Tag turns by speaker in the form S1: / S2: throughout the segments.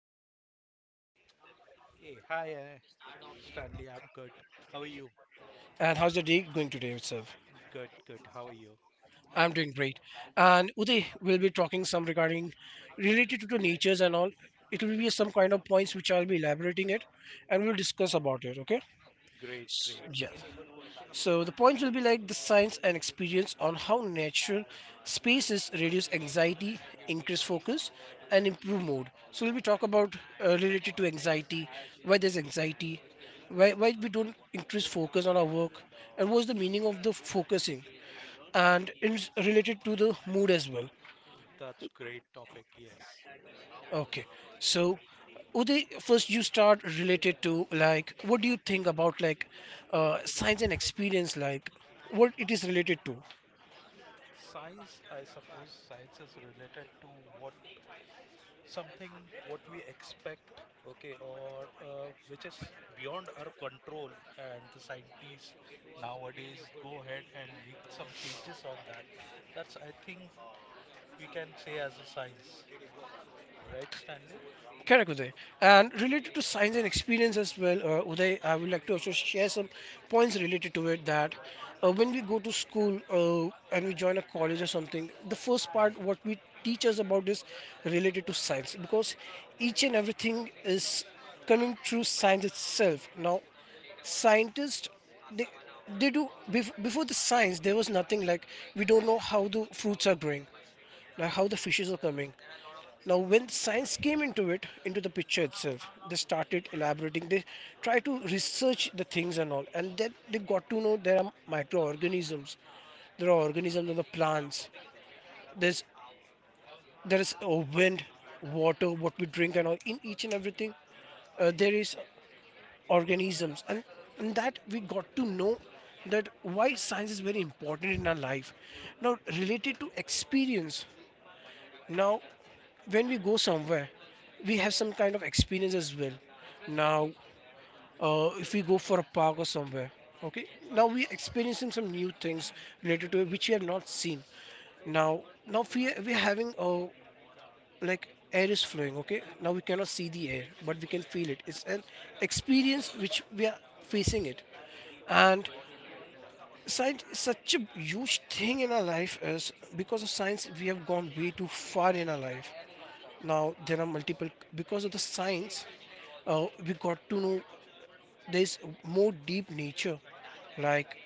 S1: How are you doing today?
S2: Hey, hi, Stanley. I'm good. How are you?
S1: And how's your day going today itself?
S2: Good, good. How are you?
S1: I'm doing great. And Uday, we'll be talking some regarding related to the natures and all. It will be some kind of points which I'll be elaborating it, and we'll discuss about it. Okay?
S2: Great, great.
S1: Yes. So the points will be like the science and experience on how natural spaces reduce anxiety, increase focus, and improve mood. So we'll be talk about related to anxiety, why there's anxiety, why we don't increase focus on our work, and what's the meaning of the focusing, and it's related to the mood as well.
S2: That's great topic. Yes.
S1: Okay, so. Uday, first you start related to like what do you think about like science and experience like what it is related to?
S2: Science, I suppose science is related to what something what we expect, okay, or which is beyond our control, and the scientists nowadays go ahead and make some changes on that. That's I think we can say as a science, right, Stanley?
S1: Correct, Uday. And related to science and experience as well, Uday, I would like to also share some points related to it that when we go to school and we join a college or something, the first part what we teach us about is related to science because each and everything is coming through science itself. Now, scientists they they before the science there was nothing like we don't know how the fruits are growing like how the fishes are coming now, when science came into it, into the picture itself, they started elaborating. They try to research the things and all, and then they got to know there are microorganisms, there are organisms in the plants. There's there is wind, water, what we drink and all. In each and everything, there is organisms, and in that we got to know that why science is very important in our life. Now, related to experience, now when we go somewhere, we have some kind of experience as well. Now, if we go for a park or somewhere, okay, now we experiencing some new things related to it which we have not seen. Now, now we are having like air is flowing. Okay, now we cannot see the air, but we can feel it. It's an experience which we are facing it, and science is such a huge thing in our life is because of science we have gone way too far in our life now there are multiple because of the science we got to know there's more deep nature like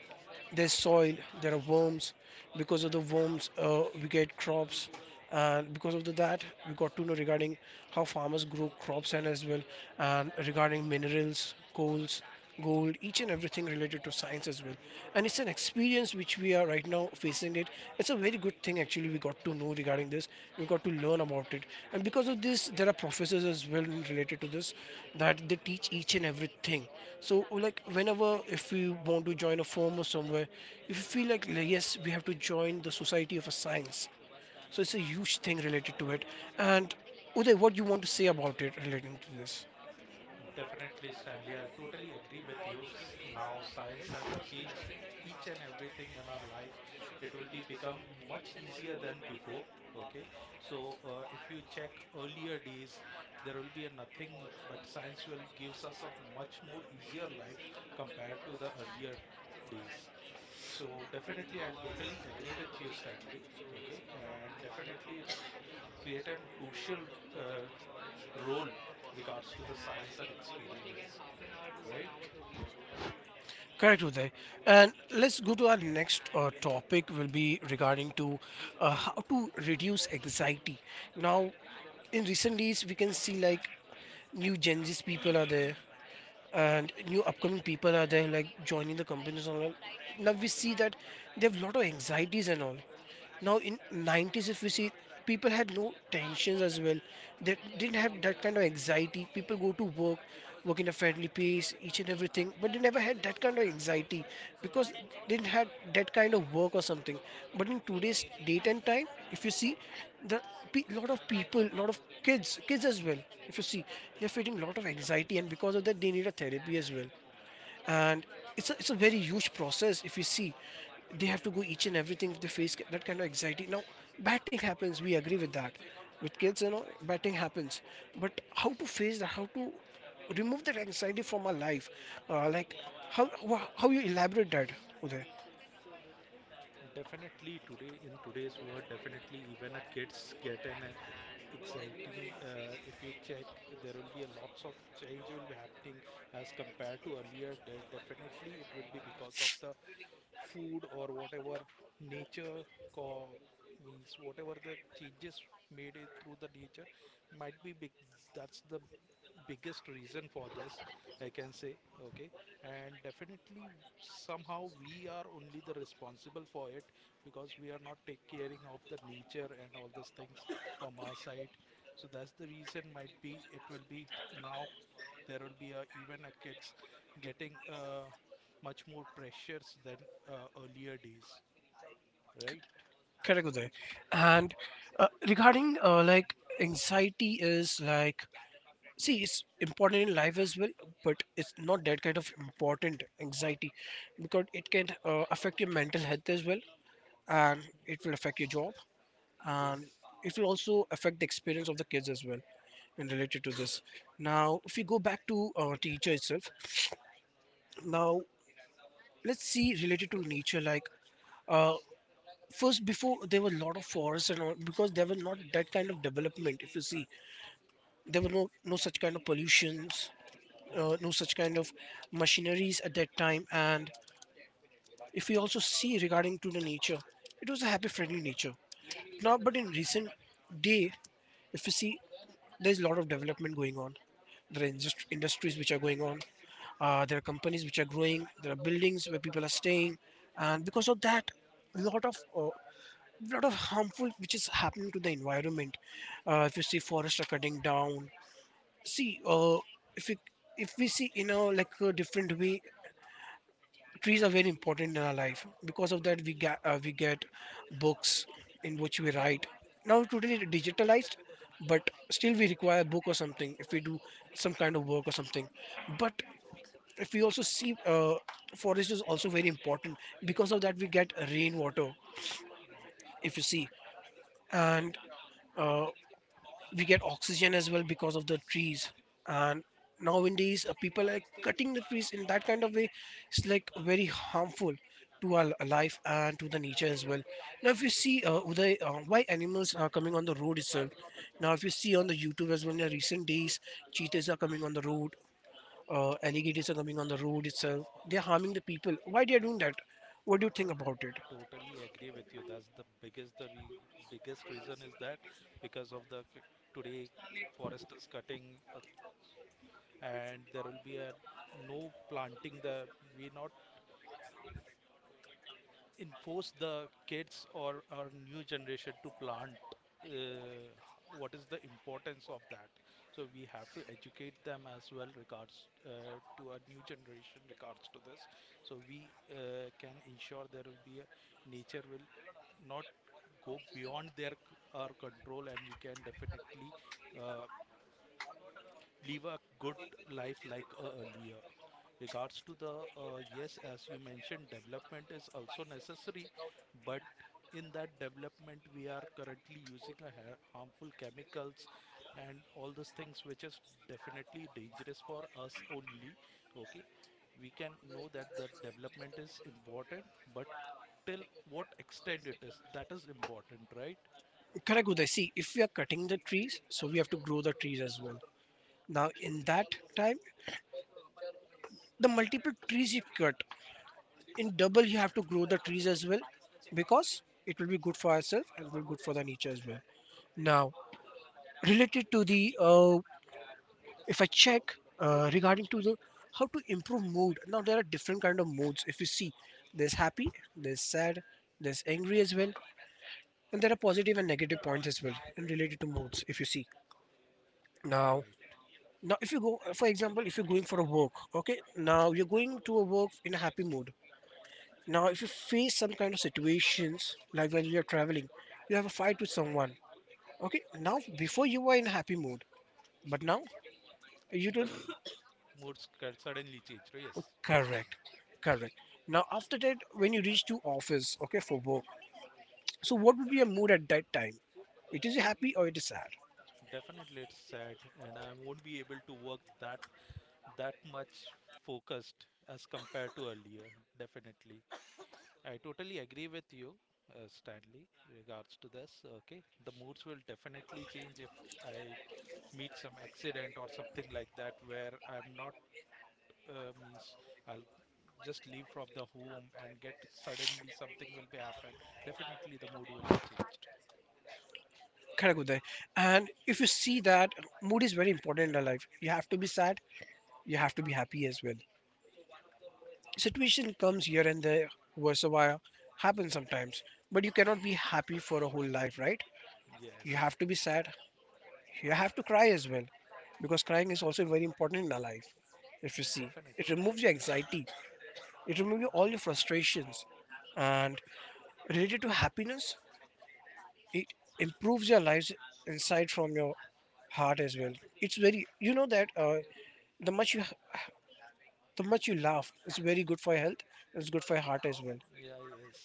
S1: there's soil there are worms because of the worms we get crops and because of that we got to know regarding how farmers grow crops and as well and regarding minerals coals gold each and everything related to science as well and it's an experience which we are right now facing in it. It's a very good thing actually we got to know regarding this. We got to learn about it. And because of this, there are professors as well related to this that they teach each and everything. So like whenever if we want to join a firm or somewhere, if you feel like yes, we have to join the Society of a Science. So it's a huge thing related to it. And Uday, what do you want to say about it relating to this?
S2: Definitely, Stanley. I totally agree with you. Now science have changed each and everything in our life. It will be become much easier than before. Okay, so if you check earlier days, there will be a nothing, but science will gives us a much more easier life compared to the earlier days. So definitely, I'll totally agree with you, Stanley. Okay, and definitely it's create an crucial uh, role regards to the science and experience, right?
S1: Correct, Uday. And let's go to our next topic. Will be regarding to how to reduce anxiety. Now, in recent days, we can see like new Gen Z people are there, and new upcoming people are there, like joining the companies online. Now we see that they have a lot of anxieties and all now in 90's if we see people had no tensions as well they didn't have that kind of anxiety people go to work work in a friendly pace each and everything but they never had that kind of anxiety because they didn't have that kind of work or something but in today's date and time if you see the lot of people lot of kids as well if you see they're feeling lot of anxiety and because of that they need a therapy as well and it's a very huge process if you see they have to go each and everything if they face that kind of anxiety now batting happens we agree with that with kids you know batting happens but how to face that how to remove that anxiety from our life like how how you elaborate that uday
S2: Definitely today in today's world, definitely even a kids get an exciting. If you check, there will be a lots of change will be happening as compared to earlier. Definitely, it will be because of the food or whatever nature co- means whatever the changes made it through the nature might be big. That's the biggest reason for this, I can say. Okay, and definitely somehow we are only the responsible for it because we are not take caring of the nature and all these things from our side. So that's the reason might be it will be now there will be a, even a kids getting much more pressures than earlier days, right?
S1: Correct, Uday. And regarding like anxiety is like see it's important in life as well but it's not that kind of important anxiety because it can affect your mental health as well and it will affect your job
S2: Yes.
S1: and it will also affect the experience of the kids as well and related to this now if we go back to teacher itself now let's see related to nature like uh, first before there were a lot of forests and all because there were not that kind of development if you see there were no such kind of pollutions
S2: Hmm.
S1: no such kind of machineries at that time. And if we also see regarding to the nature, it was a happy friendly nature. Now, but in recent day, if you see, there's a lot of development going on. There are industries which are going on. There are companies which are growing. There are buildings where people are staying, and because of that, a lot of harmful which is happening to the environment. If you see forests are cutting down, see if you if we see in a like a different way trees are very important in our life because of that we get books in which we write now totally digitalized but still we require a book or something if we do some kind of work or something but if we also see forest is also very important because of that we get rainwater if you see and uh, we get oxygen as well because of the trees and nowadays people are cutting the trees in that kind of way it's like very harmful to our life and to the nature as well now if you see Uday, why animals are coming on the road itself now if you see on the youtube as well in the recent days cheetahs are coming on the road alligators are coming on the road itself they are harming the people why they are doing that what do you think about it
S2: Totally agree with you. That's the biggest the re biggest reason is that because of the today forest is cutting and there will be a no planting. The we not enforce the kids or our new generation to plant, uh, what is the importance of that. So we have to educate them as well regards to our new generation regards to this, so we can ensure there will be a nature will not go beyond our control, and we can definitely uh, live a good life like earlier regards to the yes, as you mentioned, development is also necessary, but in that development we are currently using a harmful chemicals and all these things which is definitely dangerous for us only. Okay, we can know that the development is important, but till what extent it is, that is important, right?
S1: correct Uday. See if we are cutting the trees so we have to grow the trees as well now in that time the multiple trees you cut in double you have to grow the trees as well because it will be good for ourselves and it will be good for the nature as well now related to the if I check regarding to the how to improve mood now there are different kind of moods if you see there's happy there's sad there's angry as well and there are positive and negative points as well and related to moods if you see now
S2: Right.
S1: now if you go for example if you're going for a walk okay now you're going to a walk in a happy mood. Now, if you face some kind of situations like when you're traveling, you have a fight with someone. Okay, now before you were in happy mood, but now you
S2: The
S1: don't.
S2: moods can suddenly change, right? Yes. Yes.
S1: Correct, correct. Now after that, when you reach to office, okay, for work. So what would be your mood at that time? It is happy or it is sad.
S2: Definitely, it's sad, and I won't be able to work that much focused as compared to earlier. Definitely, I totally agree with you, Stanley, regards to this. Okay, the moods will definitely change if I meet some accident or something like that where I'm not means I'll just leave from the home and get suddenly something will be happen. Definitely, the mood will be changed.
S1: Correct, Uday. And if you see that mood is very important in our life, you have to be sad, you have to be happy as well. Situation comes here and there, worse a while, happens sometimes, but you cannot be happy for a whole life, right? You
S2: Yes,
S1: have to be sad. You have to cry as well, because crying is also very important in our life. If you see, it
S2: definitely.
S1: removes your anxiety. It removes your- all your frustrations, and related to happiness, it improves your lives inside from your heart as well. It's very you know that the much you the much you laugh is very good for your health. It's good for your heart as well.
S2: Yeah, yes.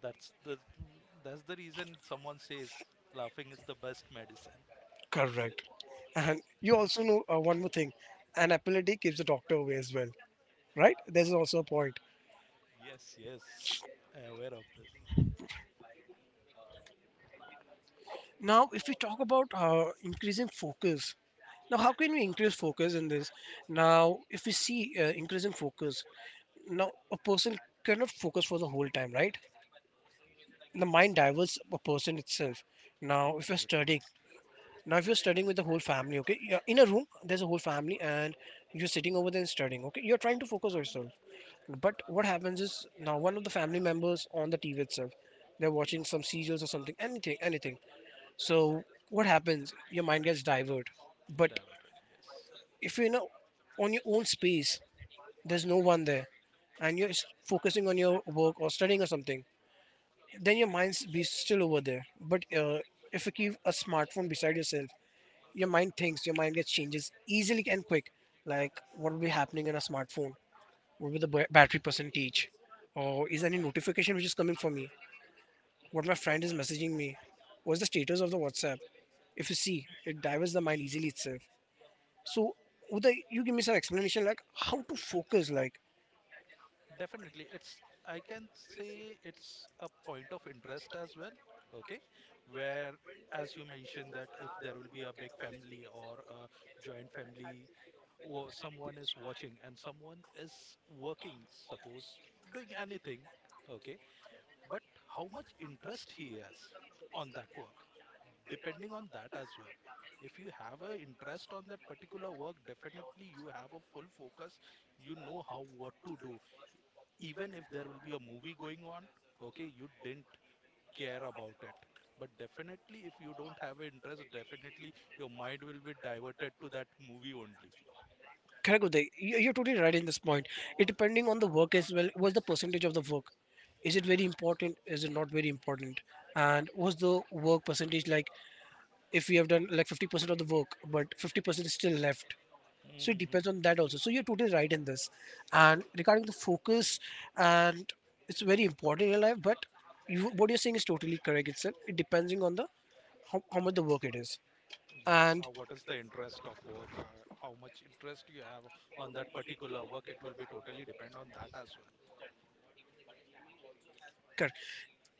S2: That's the reason someone says laughing is the best medicine.
S1: Correct. And you also know one more thing: an apple a day keeps the doctor away as well, right? There's also a point.
S2: Yes, yes. I am aware of this.
S1: Now if we talk about increasing focus. Now how can we increase focus in this? Now if we see increasing focus. Now a person cannot focus for the whole time, right? The mind diverts a person itself. Now if you're
S2: Absolutely
S1: studying,
S2: right.
S1: now if you're studying with the whole family, okay, you're in a room, there's a whole family, and you're sitting over there and studying, okay, you're trying to focus yourself, but what happens is now one of the family members on the TV itself, they're watching
S2: Yes.
S1: some serials or something, anything. So what happens? Your mind gets diverted. But
S2: Definitely, yes.
S1: if you're in a, on your own space, there's no one there, and you're focusing on your work or studying or something, then your mind's be still over there. But if you keep a smartphone beside yourself, your mind thinks, your mind gets changes easily and quick. Like what will be happening in a smartphone? What will the battery percentage? Or is there any notification which is coming for me? What my friend is messaging me? What's the status of the WhatsApp? If you see, it diverts the mind easily itself. So, Uday, you give me some explanation like how to focus. Like,
S2: Definitely. It's, I can say it's a point of interest as well. Okay. Where, as you mentioned, that if there will be a big family or a joint family, or someone is watching and someone is working, suppose doing anything, okay, but how much interest he has on that work, depending on that as well. If you have a interest on that particular work, definitely you have a full focus, you know how what to do. Even if there will be a movie going on, okay, you didn't care about it. But definitely if you don't have an interest, definitely your mind will be diverted to that movie only.
S1: correct, Uday, you're totally right in this point. It depending on the work as well. What's the percentage of the work? Is it very important? Is it not very important? And what's the work percentage like? If we have done like 50% of the work, but 50% is still left. So it
S2: Mhm.
S1: depends on that also. So you're totally right in this. And regarding the focus, and it's very important in life. But you, what you're saying is totally correct. Itself. It depending on the how much the work it is,
S2: Yes,
S1: and
S2: what is the interest of work? How much interest you have on that particular work? It will be totally depend on that as well.
S1: correct.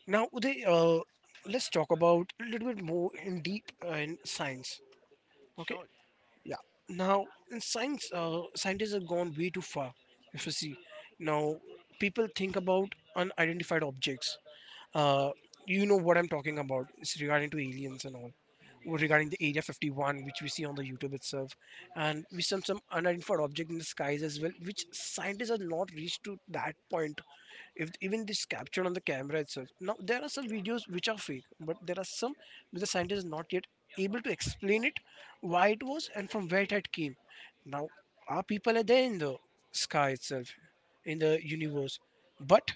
S1: Now, Uday, let's talk about a little bit more in deep in science. Okay.
S2: Sure.
S1: Yeah. Now, in science, scientists have gone way too far. If you see, now people think about unidentified objects. Uh, you know what I'm talking about. It's regarding to aliens and all. Or
S2: Yes,
S1: regarding the
S2: yes,
S1: Area
S2: yes,
S1: 51, which we see on the YouTube itself, and we some
S2: yes,
S1: some unidentified object in the skies as well, which scientists have
S2: yes.
S1: not reached to that point. If even this captured on the camera itself, now there are some videos which are fake, but there are some which the scientist is not yet able to explain it, why it was and from where it had came. Now our people are there in the sky itself, in the universe, but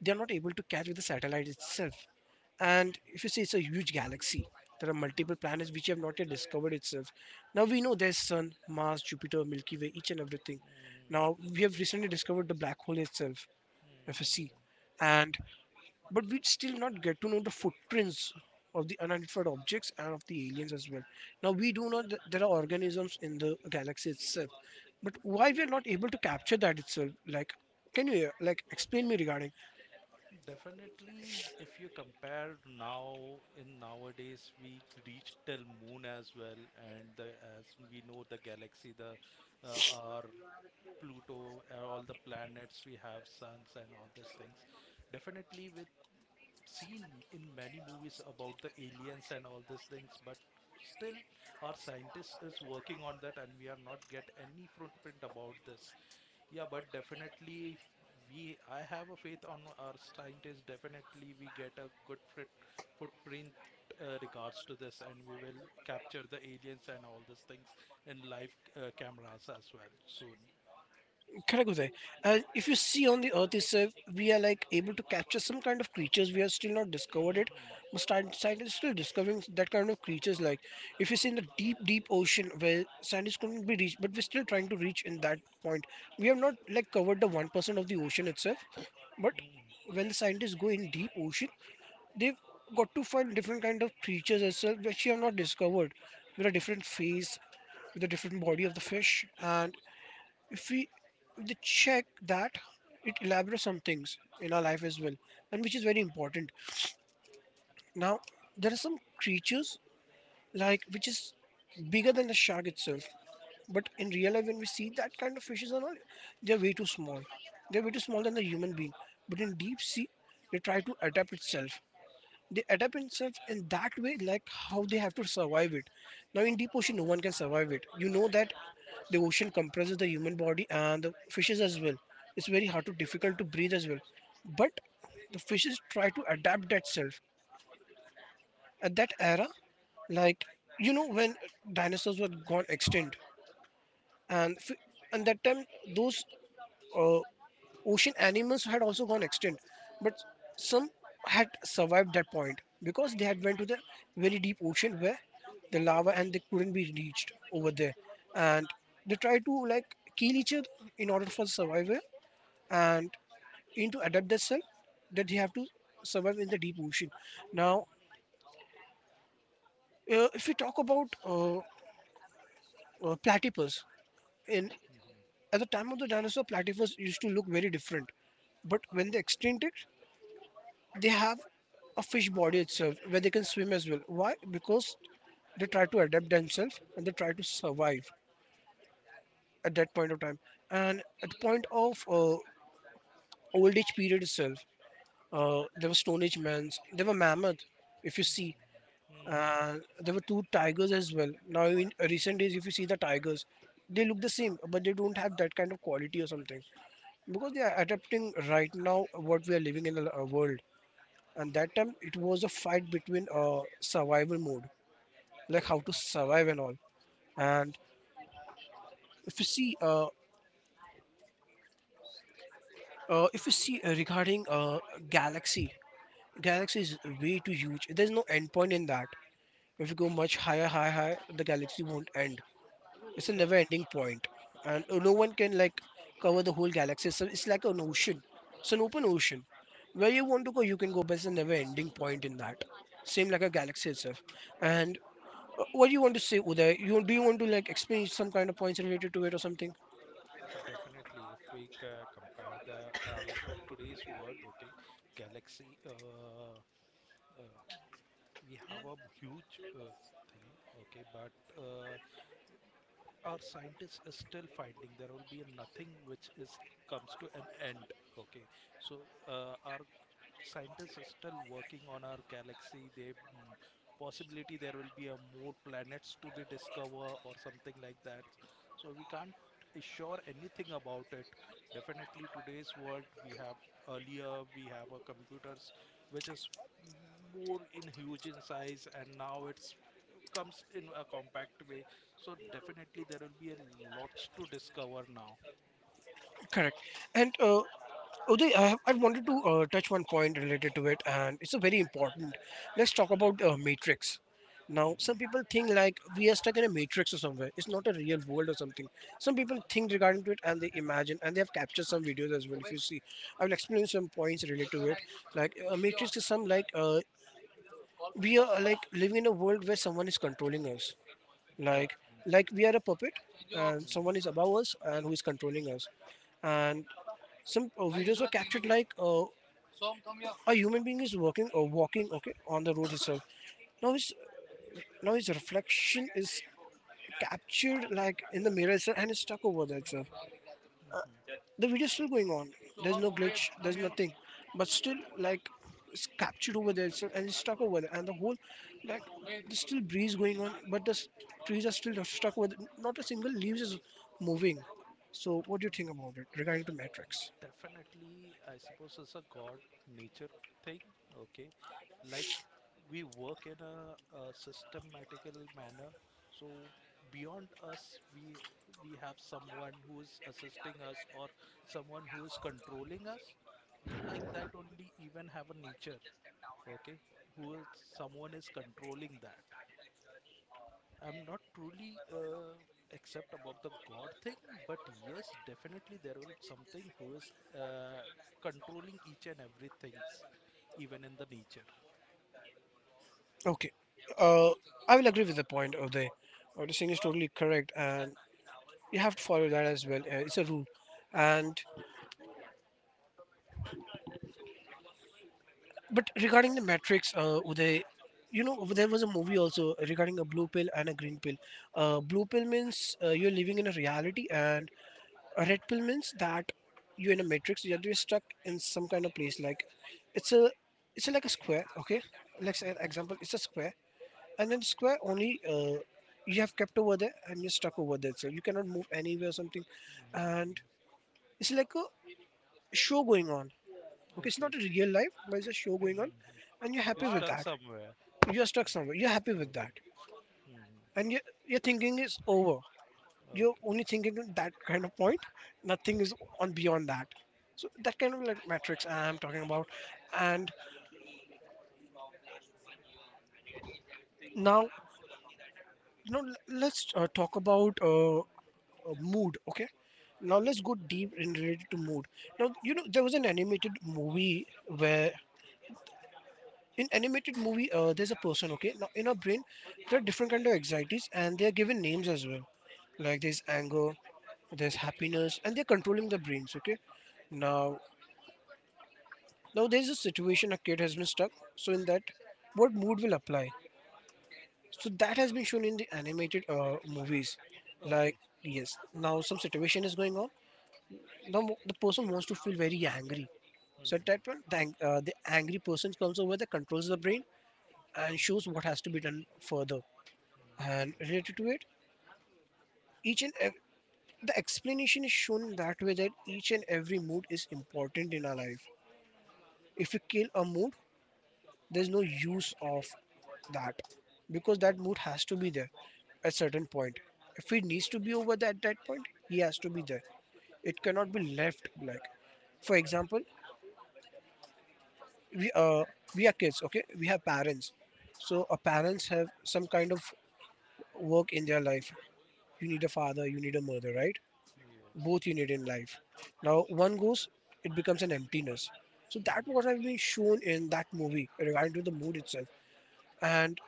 S1: they're not able to catch with the satellite itself. And if you see, it's a huge galaxy, there are multiple planets which have not yet discovered itself. Now we know there's Sun, Mars, Jupiter, Milky Way, each and everything.
S2: Mhm,
S1: Now we have recently discovered the black hole itself, FSC,
S2: mhm.
S1: and but we'd still not get to know the footprints of the unidentified objects and of the aliens as well. Now we do know that there are organisms in the galaxy itself, but why we are not able to capture that itself? Like, can you like explain me regarding?
S2: Definitely, if you compare now in nowadays, we reach till moon as well, and the, as we know the galaxy, the our Pluto, all the planets we have, suns and all these things. Definitely, with seen in many movies about the aliens and all these things, but still our scientist is working on that and we are not get any footprint about this. Yeah, but definitely we, I have a faith on our scientists. Definitely we get a good foot, footprint regards to this, and we will capture the aliens and all these things in live cameras as well soon.
S1: Correct, Uday. If you see on the Earth itself, we are like able to capture some kind of creatures. We are still not discovered it.
S2: Hmm.
S1: But scientists is still discovering that kind of creatures. Like if you see in the deep, deep ocean where scientists couldn't be reached, but we're still trying to reach in that point. We have not like covered the 1% of the ocean itself. But
S2: Hmm.
S1: when the scientists go in deep ocean, they've got to find different kind of creatures as well, which you have not discovered, with a different face, with a different body of the fish, and if we, if they check that, it elaborates some things in our life as well, and which is very important. Now there are some creatures like which is bigger than the shark itself, but in real life when we see that kind of fishes are not, they're way too small, they're way too small than the human being. But in deep sea they try to adapt itself, they adapt themselves in that way, like how they have to survive it. Now in deep ocean no one can survive it, you know that. The ocean compresses the human body and the fishes as well. It's very hard to difficult to breathe as well. But the fishes try to adapt that self at that era. Like, you know, when dinosaurs were gone extinct, and f- and that time those uh, ocean animals had also gone extinct, but some had survived that point because they had went to the very deep ocean where the lava and they couldn't be reached over there. And they tried to like kill each other in order for survival, and into adapt themselves that they have to survive in the deep ocean. Now if we talk about platypus, in
S2: Hmm.
S1: at the time of the dinosaur, platypus used to look very different, but when they extincted, they have a fish body itself where they can swim as well. Why? Because they try to adapt themselves and they try to survive at that point of time. And at the point of old age period itself, there were Stone Age men, there were mammoth, if you see,
S2: Hmm.
S1: and there were two tigers as well. Now, in recent days, if you see the tigers, they look the same, but they don't have that kind of quality or something, because they are adapting right now what we are living in the world. And that time it was a fight between survival mode, like how to
S2: Definitely.
S1: survive and all. And if you see regarding galaxy. Galaxy is way too huge, there's no end point in that. If you go much higher, high, the galaxy won't end. It's a never ending point. And no one can like cover the whole galaxy, so it's like an ocean. It's an open ocean, where you want to go you can go, but it's a never ending point in that. Same like a galaxy itself. And what do you want to say, Uday? You do you want to like explain some kind of points related to it or something?
S2: Definitely, if we compare the today's world, okay, Galaxy, uh, we have a huge thing, okay, but our scientists is still finding there will be nothing which is comes to an end, okay. So our scientists are still working on our galaxy. They, mm, possibility there will be a more planets to be discovered or something like that. So we can't assure anything about it. Definitely today's world we have, earlier we have a computers which is more in huge in size, and now it's comes in a compact way. So definitely there will be a lots to discover now.
S1: Correct. And Uday, I wanted to touch one point related to it, and it's a very important. Let's talk about Matrix. Now, some
S2: Mhm.
S1: people think like we are stuck in a matrix or somewhere. It's not a real world or something. Some people think regarding to it and they imagine and they have captured some videos as well. If you see, I will explain some points related to it. Like a matrix is some like we are like living in a world where someone is controlling us, like like we are a puppet, and someone is above us and who is controlling us. And some videos were captured
S2: Definitely.
S1: like
S2: Hmm. So come
S1: a
S2: here.
S1: human being is working or walking, okay, on the road itself. now his Now his reflection is captured like in the mirror itself and is stuck over there itself.
S2: Mhm.
S1: The video's still going on. There's
S2: Soham,
S1: no
S2: always
S1: glitch.
S2: come
S1: There's
S2: here.
S1: nothing. But still, like, it's captured over there, itself, and it's stuck over there. And the whole, like, there's still breeze going on, but the trees are still stuck over there. Not a single leaves is moving. So, what do you think about it regarding the Matrix?
S2: Definitely, I suppose it's a God nature thing. Okay, like we work in a systematical manner, so beyond us, we we have someone who is assisting us or someone who is controlling us. Like that, only even have a nature. Okay, who is someone is controlling that. I'm not truly accept about the God thing, but yes, definitely there will something who is controlling each and everything, even in the nature.
S1: Okay, uh, I will agree with the point of the, what you're saying is totally correct, and you have to follow that as well. It's a rule, and but regarding the Matrix, Uday, you know there was a movie also regarding a blue pill and a green pill. Blue pill means you're living in a reality, and a red pill means that you're in a matrix. You're stuck in some kind of place. Like, it's a, it's like a square. Okay, let's say an example. It's a square, and then square only. You have kept over there and you're stuck over there, so you cannot move anywhere or something,
S2: Mm-hmm.
S1: and it's like a show going on. Okay, it's
S2: Okay.
S1: not a real life, but it's a show going
S2: Hmm.
S1: on and you're
S2: You're
S1: happy with
S2: stuck
S1: that.
S2: somewhere.
S1: You're stuck somewhere, you're happy with that,
S2: Okay. Hmm.
S1: and your thinking is over. You're
S2: Okay.
S1: only thinking at that kind of point. Nothing is on beyond that. So that kind of like matrix I'm talking about. And now, you know, let's talk about mood. Okay, now let's go deep in related to mood. Now, you know, there was an animated movie where, in animated movie, there's a person. Okay, now in our brain there are different kind of anxieties and they are given names as well. Like, there's anger, there's happiness, and they're controlling the brains. Okay, now, now there's a situation, a kid has been stuck, so in that, what mood will apply? So that has been shown in the animated movies. Like,
S2: Okay.
S1: yes, now some situation is going on, now the person wants to feel very angry.
S2: Hmm.
S1: So at
S2: Hmm.
S1: that point, the angry person comes over, that controls the brain and shows what has to be done further. And related to it, each and ev- the explanation is shown in that way, that each and every mood is important in our life. If we kill a mood, there's no use of that, because that mood has to be there at certain point. If it needs to be over at that point, he has to be there. It cannot be left. Like, for example, we uh we are kids. Okay, we have parents, so our parents have some kind of work in their life. You need a father, you need a mother, right?
S2: Yes.
S1: Both you need in life. Now one goes, it becomes an emptiness. So that what
S2: Hmm.
S1: has been shown in that movie regarding to the mood itself. And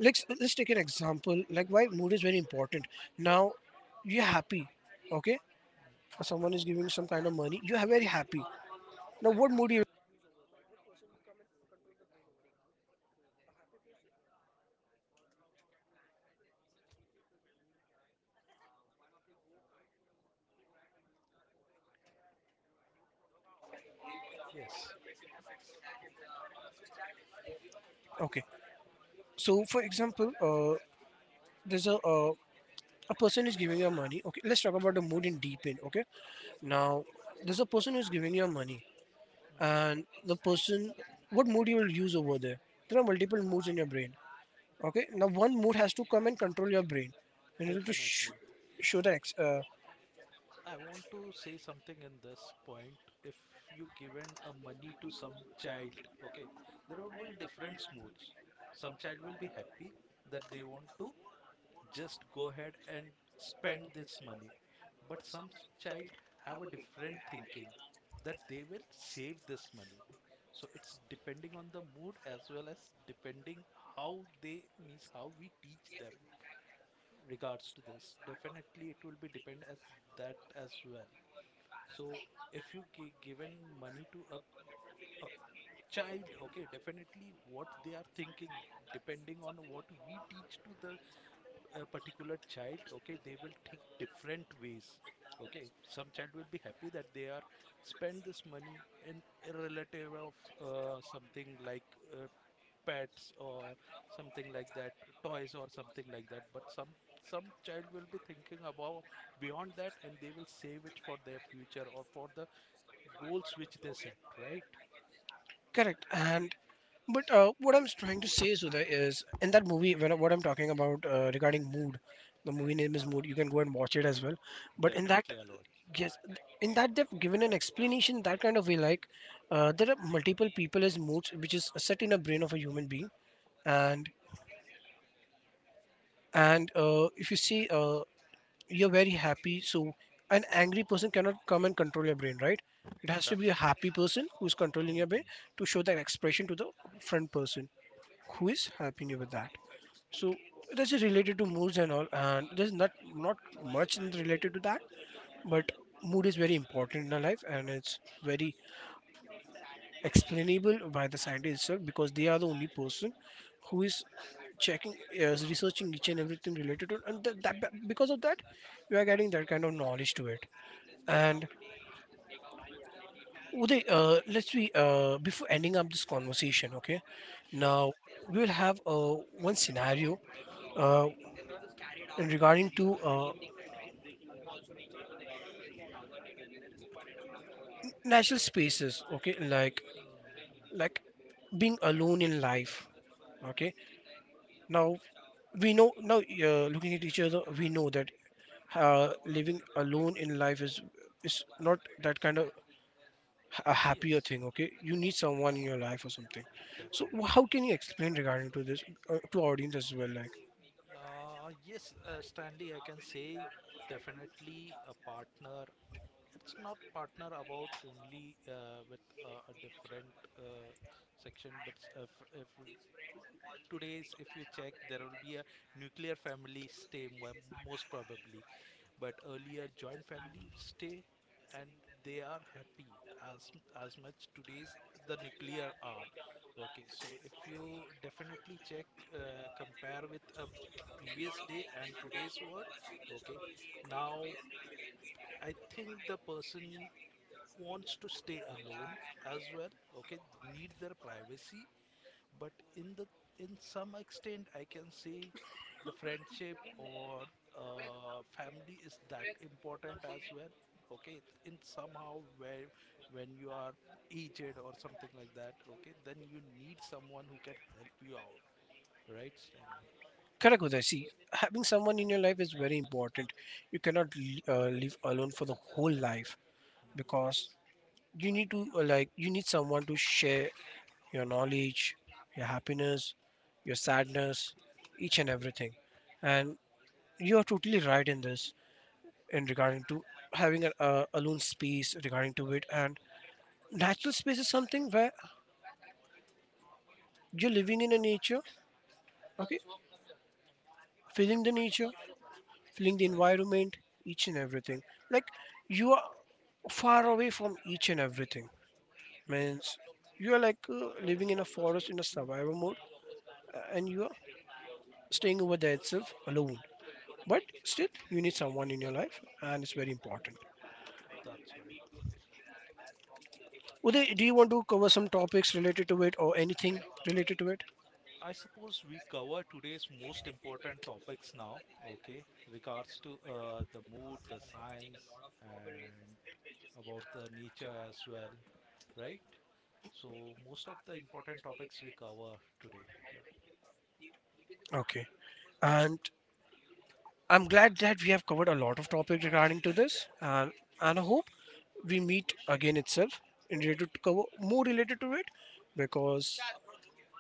S1: let's take an example, like why mood is very important. Now, you're happy. Okay, someone is giving some kind of money, you're very happy. Now what mood you...
S2: Yes.
S1: Okay, so for example, there's a person is giving you money. Okay, let's talk about the mood in deep in. Okay, now there's a person who's giving you money,
S2: Hmm.
S1: and the person, what mood you will use over there? There are multiple moods in your brain. Okay, now one mood has to come and control your brain in order to
S2: Definitely.
S1: show the
S2: I want to say something in this point. If you given a money to some child, okay, there would be different moods. Some child will be happy that they want to just go ahead and spend this money, but child have a different thinking that they will save this money. So it's depending on the mood as well as depending how they, means how we teach them regards to this. Definitely, it will be depend as that as well. So if you given money to a child, okay, definitely what they are thinking, depending on what we teach to the particular child, okay, they will think different ways. Okay, some child will be happy that they are spend this money in a relative of something like uh, pets or something like that, toys or something like that. But some child will be thinking about beyond that, and they will save it for their future or for the goals which they set, right?
S1: Correct. And but what I'm trying to say, Sudha, is in that movie when what I'm talking about regarding mood, the movie name is Mood. You can go and watch it as well. But in that,
S2: Definitely, Aloj.
S1: yes, in that they've given an explanation that kind of way. Like, there are multiple people as moods, which is set in a brain of a human being. And if you see, you're very happy. So an angry person cannot come and control your brain, right? It has to be a
S2: That's right.
S1: happy person who's controlling your brain
S2: Hmm.
S1: to show that expression to the front person who's helping you with that. So this is related to moods and all, and there's not much related to that. But mood is very important in our life, and it's very explainable by the scientists itself, because they are the only person who is checking, is researching each and everything related to it. And because of that we are getting that kind of knowledge to it. And Uday, let's be before ending up this conversation. Okay,
S2: Sure.
S1: now we will have one scenario, uh, and regarding to natural spaces. Okay, like
S2: Hmm.
S1: like being alone in life. Okay, now we know now, looking at each other we know that living alone in life is not that kind of a happier
S2: Yes,
S1: thing. Okay, you need someone in
S2: yes,
S1: your life or something. So how
S2: definitely.
S1: can you explain regarding to this, to our audience as well? Like...
S2: Yes, Stanley, I can say definitely a partner. It's not partner about only with a different uh, section, but if today's, if you check, there will be a nuclear family stay most probably. But earlier joint family stay, and they are happy as as much today's the nuclear are. Okay, so if you definitely check, compare with a previous day and today's word, okay, now I think the person wants to stay alone as well, okay, need their privacy. But in the, in some extent I can say the friendship or family is that important as well. Okay, in somehow, where when you are aged or something like that, okay, then you need someone who can help you out, right, Stanley?
S1: Correct, Uday. See, having someone in your life is very important. You cannot live alone for the whole life, because
S2: Yes.
S1: you need to, like, you need someone to share your knowledge, your happiness, your sadness, each and everything. And you are totally right in this, in regarding to having a alone space regarding to it. And natural space is something where you're living in a nature. Okay, feeling the nature, feeling the
S2: Right.
S1: environment, each and everything. Like, you are far away from each and everything.
S2: Hmm,
S1: Means you are like living in a forest in a survival mode, and you are staying over there itself alone. But still, you need someone in your life, and it's very important.
S2: that's right.
S1: Uday, do you want to cover some topics related to it or anything related to it?
S2: I suppose we cover today's most important topics now, okay, regards to the mood, the science, and about the nature as well, right? So, most of the important topics we cover today. Right?
S1: Okay. And I'm glad that we have covered a lot of topics regarding to this, and I hope we meet again itself in related to cover more related to it, because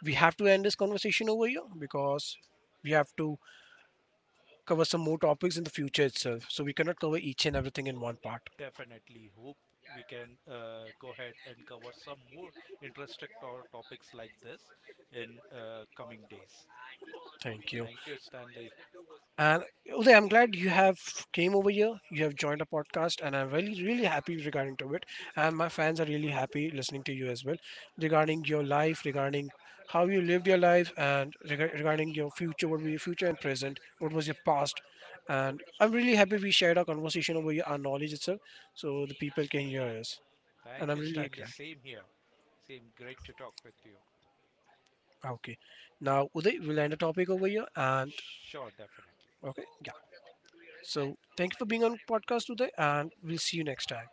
S1: we have to end this conversation over here, because we have to cover some more topics in the future itself. So we cannot cover each and everything in one part.
S2: Definitely hope we can go ahead and cover some more interesting topics like this in coming days.
S1: Thank you.
S2: Thank you, Stanley.
S1: And Uday, I'm glad you have came over here. You have joined a podcast, and I'm really, really happy regarding to it. And my fans are really happy listening to you as well, regarding your life, regarding how you lived your life, and regarding your future, what were your future and present, what was your past. And I'm really happy we shared our conversation over here, our knowledge itself, so the people can hear us. And
S2: Thank
S1: I'm
S2: you,
S1: really
S2: Stanley.
S1: glad.
S2: Same here. Same, great to talk with you.
S1: Okay. Now, Uday, we'll end the topic over here. And
S2: Sure, definitely.
S1: okay, yeah. So thank you for being on podcast, Uday, and we'll see you next time.